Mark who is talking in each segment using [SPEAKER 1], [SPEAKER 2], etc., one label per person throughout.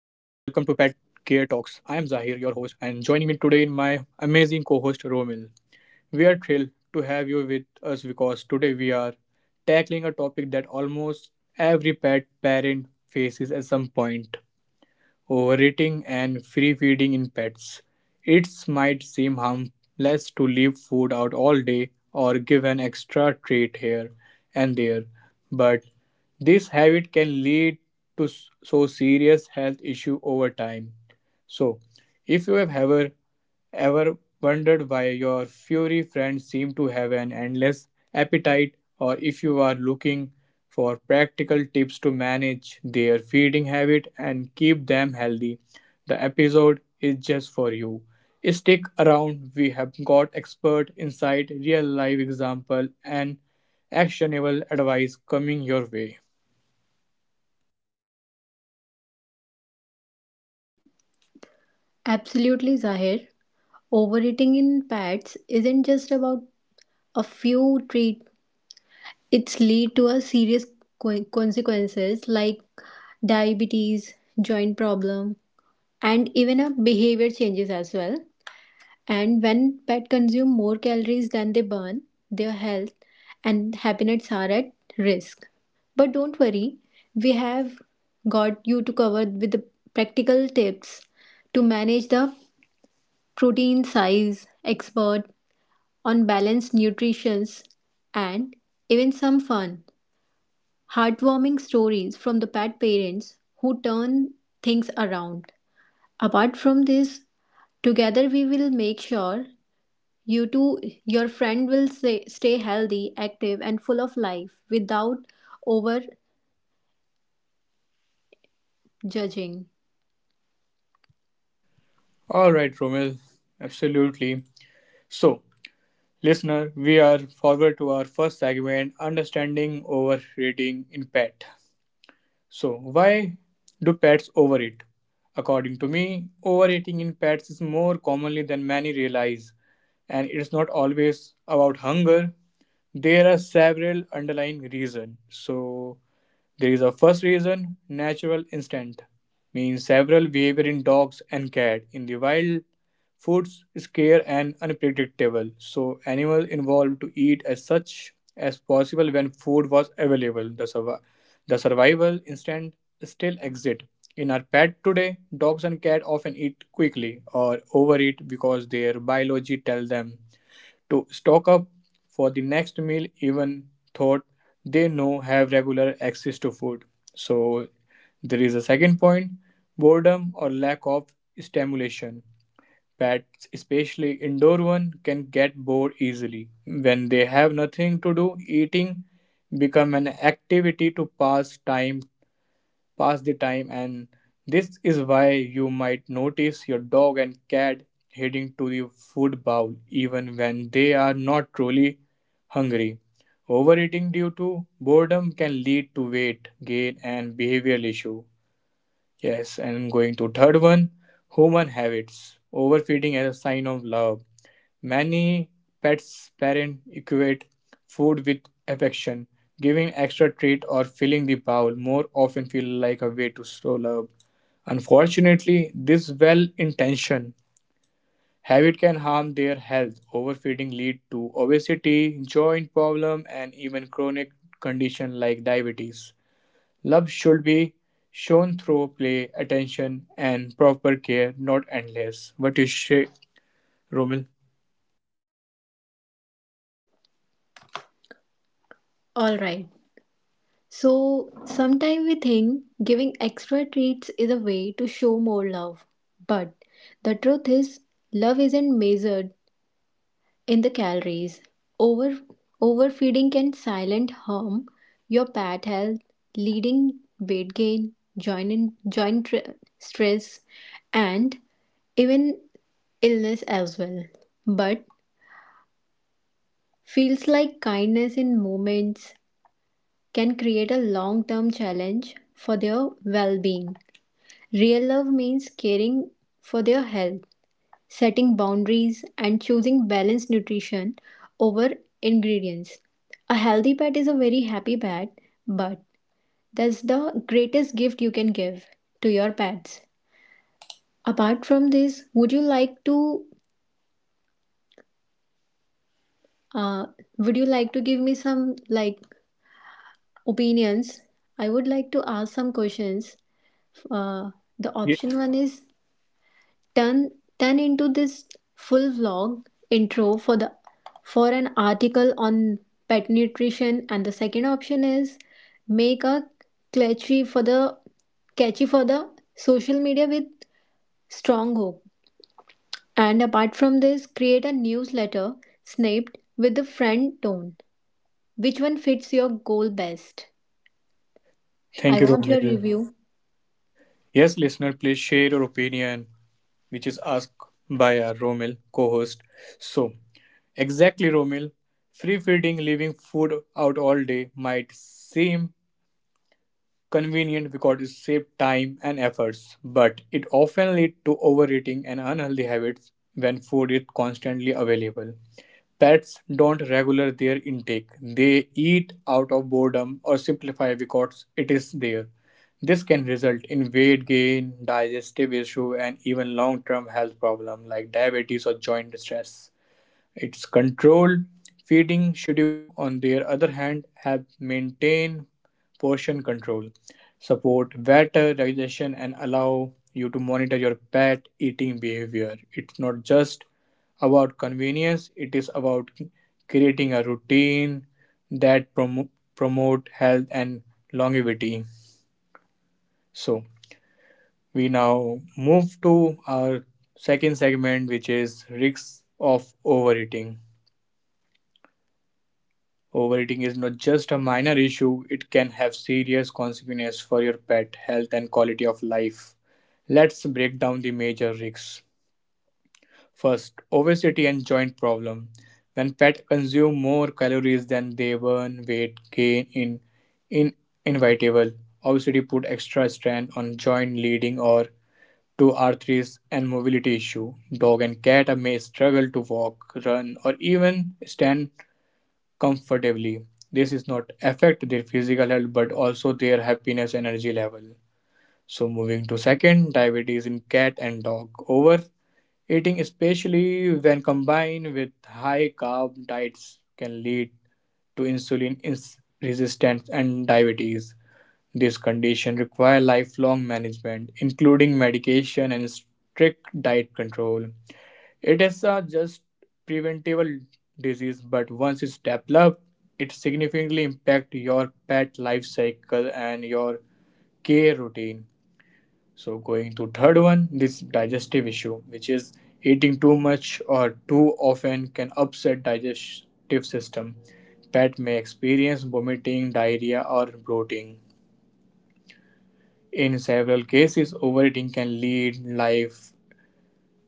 [SPEAKER 1] Care Talks. I am Zahir, your host, and joining me today in my amazing co host Romil. We are thrilled to have you with us because today we are tackling a topic that almost every pet parent faces at some point overeating, and free feeding in pets. It might seem harmless to leave food out all day or give an extra treat here and there, but this habit can lead to so serious health issue over time. So, if you have ever wondered why your furry friends seem to have an endless appetite, or if you are looking for practical tips to manage their feeding habit and keep them healthy, the episode is just for you. Stick around, we have got expert insight, real life example, and actionable advice coming your way.
[SPEAKER 2] Absolutely, Zahir. Overeating in pets isn't just about a few treats. It's lead to a serious consequences like diabetes, joint problem, and even a behavior changes as well. And when pet consume more calories than they burn, their health and happiness are at risk. But don't worry, we have got you to cover with the practical tips to manage the protein size expert on balanced nutrition and even some fun heartwarming stories from the pet parents who turn things around. Apart from this, together we will make sure you two, your friend will say, stay healthy active and full of life without over judging.
[SPEAKER 1] All right, Romil, absolutely. So, listener, we are forward to our first segment, understanding overeating in pet. So, why do pets overeat? According to me, overeating in pets is more commonly than many realize, and it's not always about hunger. There are several underlying reasons. So, there is a first reason natural instinct, means several behavior in dogs and cats in the wild. Foods scare and unpredictable, so animals involved to eat as such as possible when food was available. The survival instinct still exists. In our pet today, dogs and cats often eat quickly or overeat because their biology tells them to stock up for the next meal even thought they know have regular access to food. So there is a second point, boredom or lack of stimulation. Pets especially indoor one can get bored easily. When they have nothing to do, eating become an activity to pass the time, and this is why you might notice your dog and cat heading to the food bowl even when they are not truly hungry. Overeating due to boredom can lead to weight gain and behavioral issue. Yes, and going to third one, human habits. Overfeeding as a sign of love. Many pets' parents equate food with affection. Giving extra treat or filling the bowl more often feel like a way to show love. Unfortunately, this well-intentioned habit can harm their health. Overfeeding lead to obesity, joint problem, and even chronic condition like diabetes. Love should be shown through play, attention, and proper care, not endless. What you say, Romil?
[SPEAKER 2] All right. So sometimes we think giving extra treats is a way to show more love. But the truth is, love isn't measured in the calories. Over, Overfeeding can silent harm your pet health, leading weight gain, joint stress, and even illness as well. But feels like kindness in moments can create a long term challenge for their well being. Real love means caring for their health, setting boundaries, and choosing balanced nutrition over ingredients. A healthy pet is a very happy pet, but that's the greatest gift you can give to your pets. Apart from this, would you like to uh, give me some like opinions? I would like to ask some questions. Uh, the
[SPEAKER 1] Ye-
[SPEAKER 2] option one is turn turn into this full vlog intro for the for an article on pet nutrition, and the second option is make a catchy for the catchy for the social media with strong hook, and apart from this create a newsletter snapped with the friend tone. Which one fits your goal best? I
[SPEAKER 1] Thank you,
[SPEAKER 2] want your
[SPEAKER 1] Romil.
[SPEAKER 2] review.
[SPEAKER 1] Yes, listener, please share your opinion, which is asked by our Romil co host. So, exactly, Romil, free feeding, leaving food out all day might seem convenient because it saves time and efforts, but it often leads to overeating and unhealthy habits when food is constantly available. Pets don't regular their intake. They eat out of boredom or simplify because it is there. This can result in weight gain, digestive issue, and even long-term health problems like diabetes or joint stress. Its control feeding schedule, on the other hand, have maintain portion control, support better digestion, and allow you to monitor your pet eating behavior. It's not just about convenience, it is about creating a routine that promote health and longevity. So we now move to our second segment, which is risks of overeating. Overeating is not just a minor issue, it can have serious consequences for your pet health and quality of life. Let's break down the major risks. First, obesity and joint problem. When pets consume more calories than they burn, weight gain in inevitable. Obesity put extra strain on joint leading or to arthritis and mobility issue. Dog and cat may struggle to walk, run, or even stand comfortably. This is not affect their physical health but also their happiness and energy level. So moving to second, diabetes in cat and dog. Overeating, especially when combined with high carb diets, can lead to resistance and diabetes. This condition require lifelong management, including medication and strict diet control. It is a just preventable disease, but once it's developed, it significantly impacts your pet life cycle and your care routine. So going to third one, this digestive issue, which is eating too much or too often can upset digestive system. Pet may experience vomiting, diarrhea, or bloating. In several cases, overeating can lead life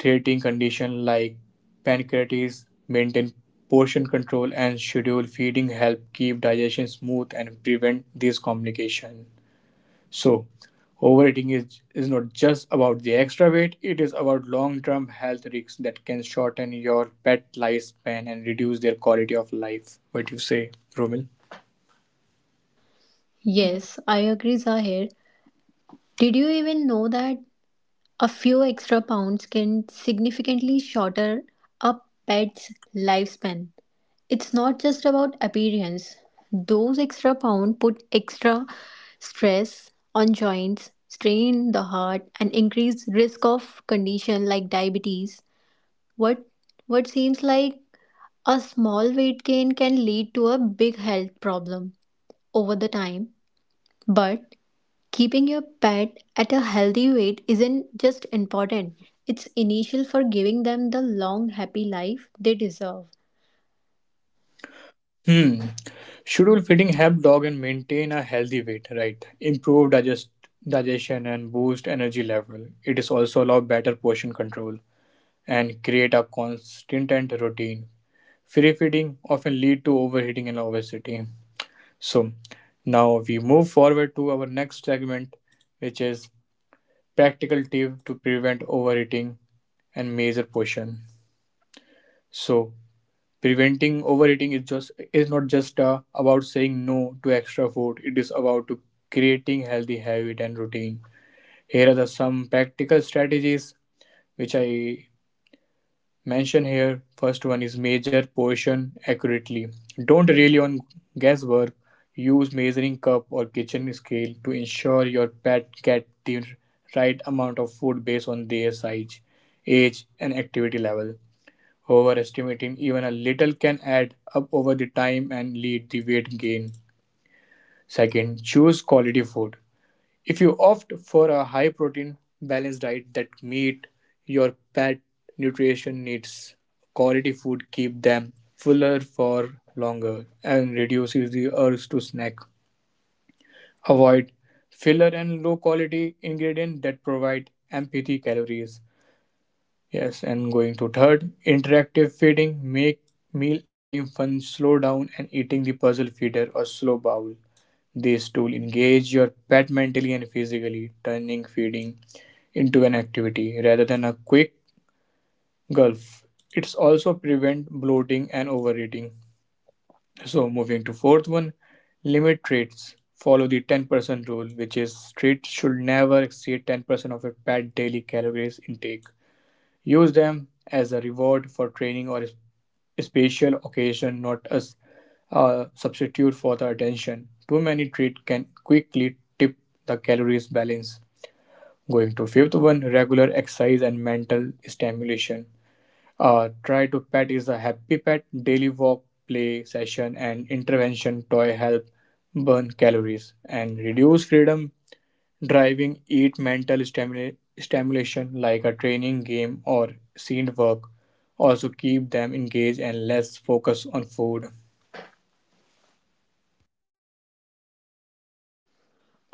[SPEAKER 1] treating conditions like pancreatitis, maintain portion control, and scheduled feeding help keep digestion smooth and prevent these complications. So, overeating is not just about the extra weight, it is about long term health risks that can shorten your pet lifespan and reduce their quality of life. What do you say, Romil?
[SPEAKER 2] Yes, I agree, Zahir. Did you even know that a few extra pounds can significantly shorter a pet's lifespan? It's not just about appearance. Those extra pounds put extra stress on joints, strain the heart, and increase risk of condition like diabetes. What what seems like a small weight gain can lead to a big health problem over the time. But keeping your pet at a healthy weight isn't just important, it's initial for giving them the long, happy life they deserve.
[SPEAKER 1] Hmm. Schedule feeding help dog and maintain a healthy weight, right? Improve digestion and boost energy level. It is also allow better portion control and create a constant and routine. Free feeding often lead to overheating and obesity. So now we move forward to our next segment, which is practical tip to prevent overeating and major portion. So preventing overeating is just is not just about saying no to extra food. It is about to creating healthy habit and routine. Here are the some practical strategies which I mention here. First one is measure portion accurately. Don't rely on guesswork. Use measuring cup or kitchen scale to ensure your pet get the right amount of food based on their size, age, and activity level. Overestimating even a little can add up over the time and lead to weight gain. Second, choose quality food. If you opt for a high protein, balanced diet that meet your pet nutrition needs, quality food keep them fuller for longer and reduces the urge to snack. Avoid filler and low quality ingredients that provide empty calories. Yes, and going to third, interactive feeding, make mealtime fun, slow down and eating the puzzle feeder or slow bowl. This tool engage your pet mentally and physically, turning feeding into an activity rather than a quick gulf. It's also prevent bloating and overeating. So moving to fourth one, limit treats. Follow the 10% rule, which is treats should never exceed 10% of your pet daily calories intake. Use them as a reward for training or special occasion, not as a substitute for the attention. Too many treats can quickly tip the calories balance. Going to fifth one, regular exercise and mental stimulation. Try to pet is a happy pet. Daily walk, play session, and intervention toy help burn calories and reduce freedom driving eat mental stimulation like a training game or scene work also keep them engaged and less focused on food.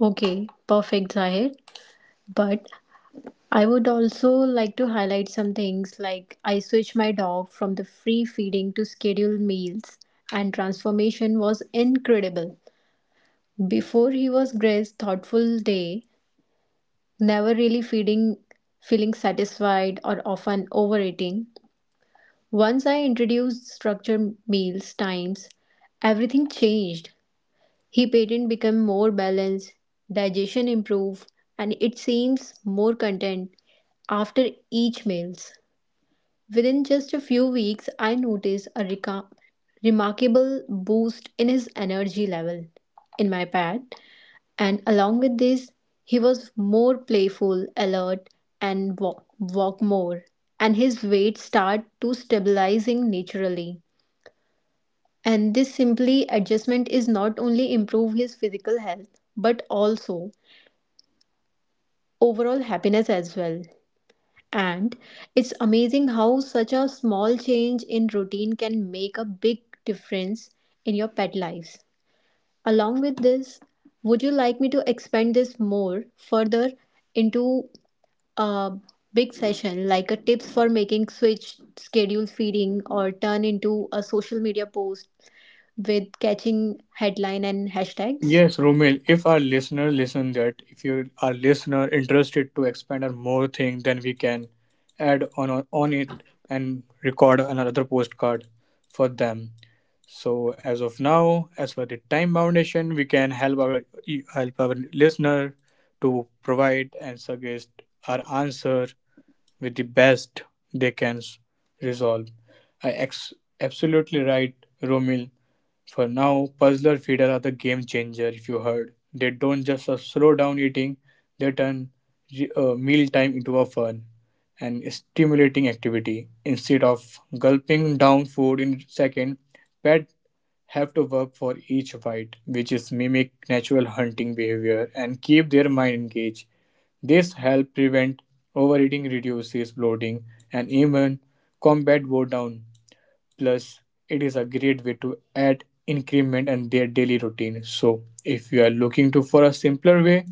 [SPEAKER 2] Okay, perfect, Zahir. But I would also like to highlight some things like I switched my dog from the free feeding to scheduled meals, and transformation was incredible. Before he was Gray's thoughtful day, never really feeding, feeling satisfied, or often overeating. Once I introduced structured meals times, everything changed. He patent became more balanced, digestion improved, and it seems more content after each meals. Within just a few weeks, I noticed a remarkable boost in his energy level in my pet, and along with this, he was more playful, alert, and walk more, and his weight start to stabilizing naturally. And this simply adjustment is not only improve his physical health but also overall happiness as well. And it's amazing how such a small change in routine can make a big difference in your pet lives. Along with this, would you like me to expand this more further into a big session like a tips for making switch schedule feeding or turn into a social media post with catching headline and hashtags?
[SPEAKER 1] Yes, Romil, if our listener listen that, if you are listener interested to expand on more thing, then we can add on it and record another postcard for them. So as of now, as for the time foundation, we can help our listener to provide and suggest our answer with the best they can resolve. I ex- Absolutely right, Romil. For now, puzzler feeder are the game changer. If you heard, they don't just slow down eating; they turn meal time into a fun and stimulating activity. Instead of gulping down food in second, pets have to work for each bite, which is mimic natural hunting behavior and keep their mind engaged. This help prevent overeating, reduces bloating, and even combat boredom. Plus, it is a great way to add increment in their daily routine. So, if you are looking to for a simpler way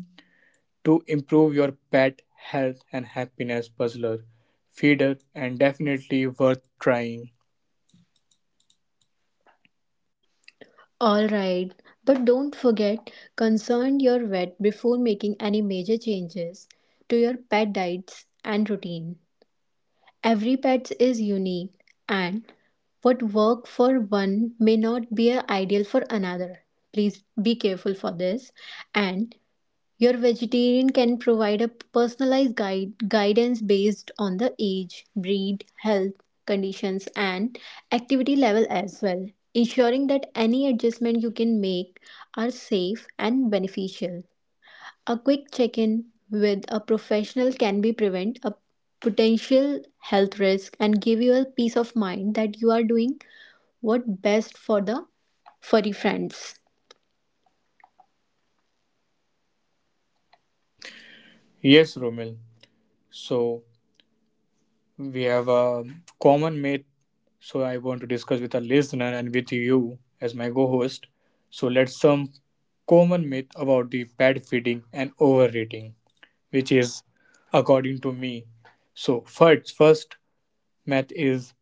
[SPEAKER 1] to improve your pet health and happiness, puzzler, feeder, and definitely worth trying.
[SPEAKER 2] All right, but don't forget concern your vet before making any major changes to your pet diets and routine. Every pet is unique and what work for one may not be a ideal for another. Please be careful for this, and your vegetarian can provide a personalized guidance based on the age, breed, health conditions, and activity level as well, ensuring that any adjustment you can make are safe and beneficial. A quick check in with a professional can be prevent a potential health risk and give you a peace of mind that you are doing what best for the furry friends.
[SPEAKER 1] Yes, Romil. So, we have a common mate, so I want to discuss with our listener and with you as my co-host. So let's some common myth about the bad feeding and overeating, which is according to me. So first myth is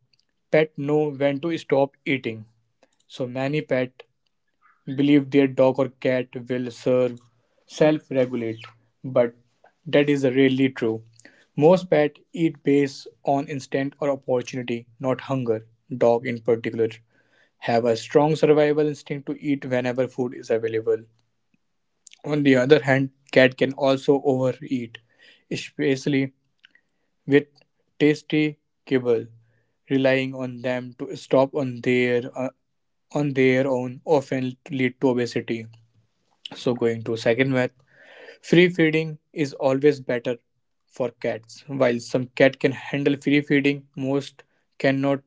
[SPEAKER 1] pet know when to stop eating. So many pet believe their dog or cat will serve self regulate, but that is rarely true. Most pets eat based on instinct or opportunity, not hunger. Dogs, in particular, have a strong survival instinct to eat whenever food is available. On the other hand, cat can also overeat, especially with tasty kibble, relying on them to stop on their own often lead to obesity. So going to second myth, free feeding is always better for cats. While some cat can handle free feeding, most cannot.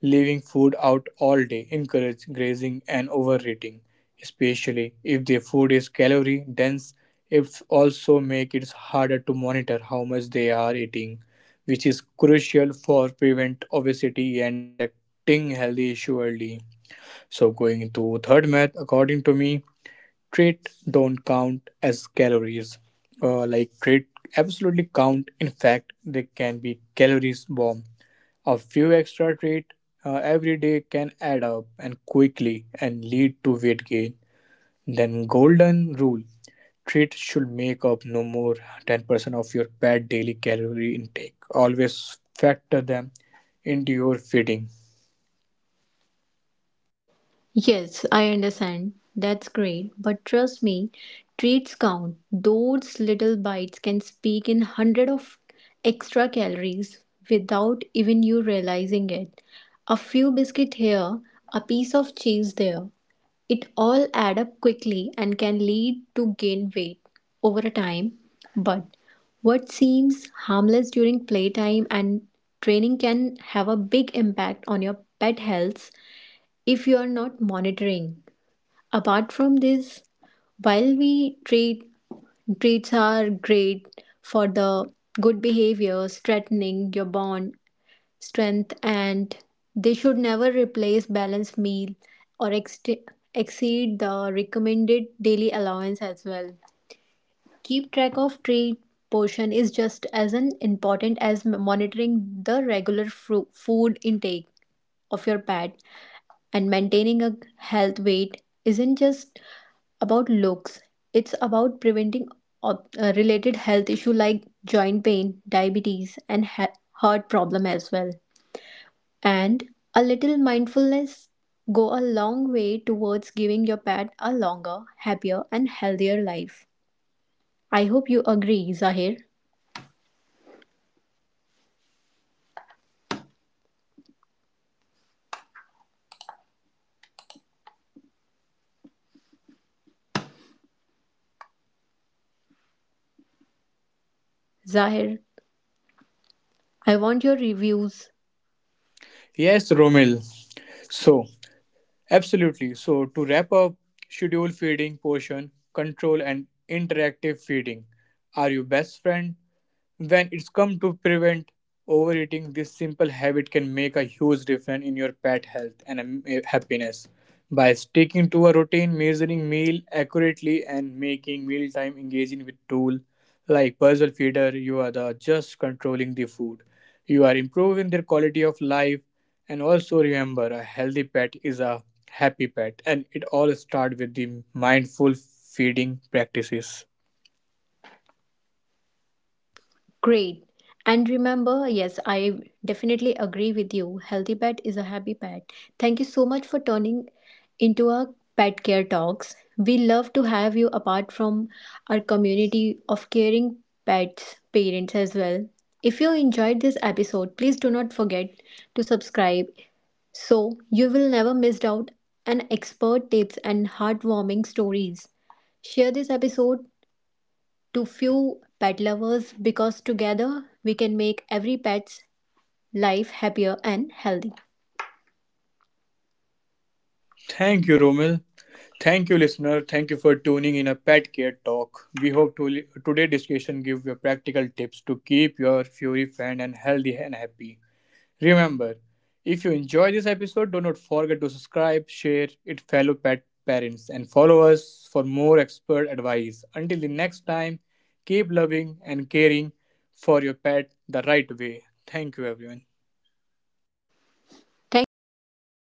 [SPEAKER 1] Leaving food out all day encourage grazing and overeating, especially if their food is calorie dense. It also makes it harder to monitor how much they are eating, which is crucial for prevent obesity and detecting healthy issue early. So going to third myth, according to me, treat don't count as calories. Like treat, absolutely count. In fact, they can be calories bomb. A few extra treat every day can add up and quickly and lead to weight gain. Then golden rule. Treat should make up no more 10% of your bad daily calorie intake. Always factor them into your feeding.
[SPEAKER 2] Yes, I understand. That's great. But trust me, treats count. Those little bites can speak in hundred of extra calories without even you realizing it. A few biscuit here, a piece of cheese there. It all add up quickly and can lead to gain weight over a time. But what seems harmless during playtime and training can have a big impact on your pet health if you are not monitoring. Apart from this, while we treats are great for the good behavior, strengthening your bond strength, and they should never replace balanced meal or exceed the recommended daily allowance as well. Keep track of treat portion is just as an important as monitoring the regular food intake of your pet, and maintaining a health weight isn't just about looks, it's about preventing related health issue like joint pain, diabetes and heart problem as well. And a little mindfulness go a long way towards giving your pet a longer, happier and healthier life. I hope you agree, Zahir. Zahir, I want your reviews.
[SPEAKER 1] Yes, Romil. So, absolutely. So, to wrap up, schedule feeding, portion control, and interactive feeding are your best friend when it's come to prevent overeating, this simple habit can make a huge difference in your pet health and happiness. By sticking to a routine, measuring meal accurately, and making mealtime engaging with tool like puzzle feeder, you are the just controlling the food. You are improving their quality of life, and also remember, a healthy pet is a happy pet, and it all starts with the mindful feeding practices.
[SPEAKER 2] Great. And remember, yes, I definitely agree with you. Healthy pet is a happy pet. Thank you so much for turning into our pet care talks. We love to have you apart from our community of caring pets, parents as well. If you enjoyed this episode, please do not forget to subscribe so you will never miss out on expert tips and heartwarming stories. Share this episode to few pet lovers because together we can make every pet's life happier and healthy.
[SPEAKER 1] Thank you, Romil. Thank you, listener. Thank you for tuning in a pet care talk. We hope to today's discussion give you practical tips to keep your furry friend and healthy and happy. Remember, if you enjoy this episode, do not forget to subscribe, share it fellow pet parents, and follow us for more expert advice. Until the next time, keep loving and caring for your pet the right way. Thank you, everyone.
[SPEAKER 2] Thank you. Bye.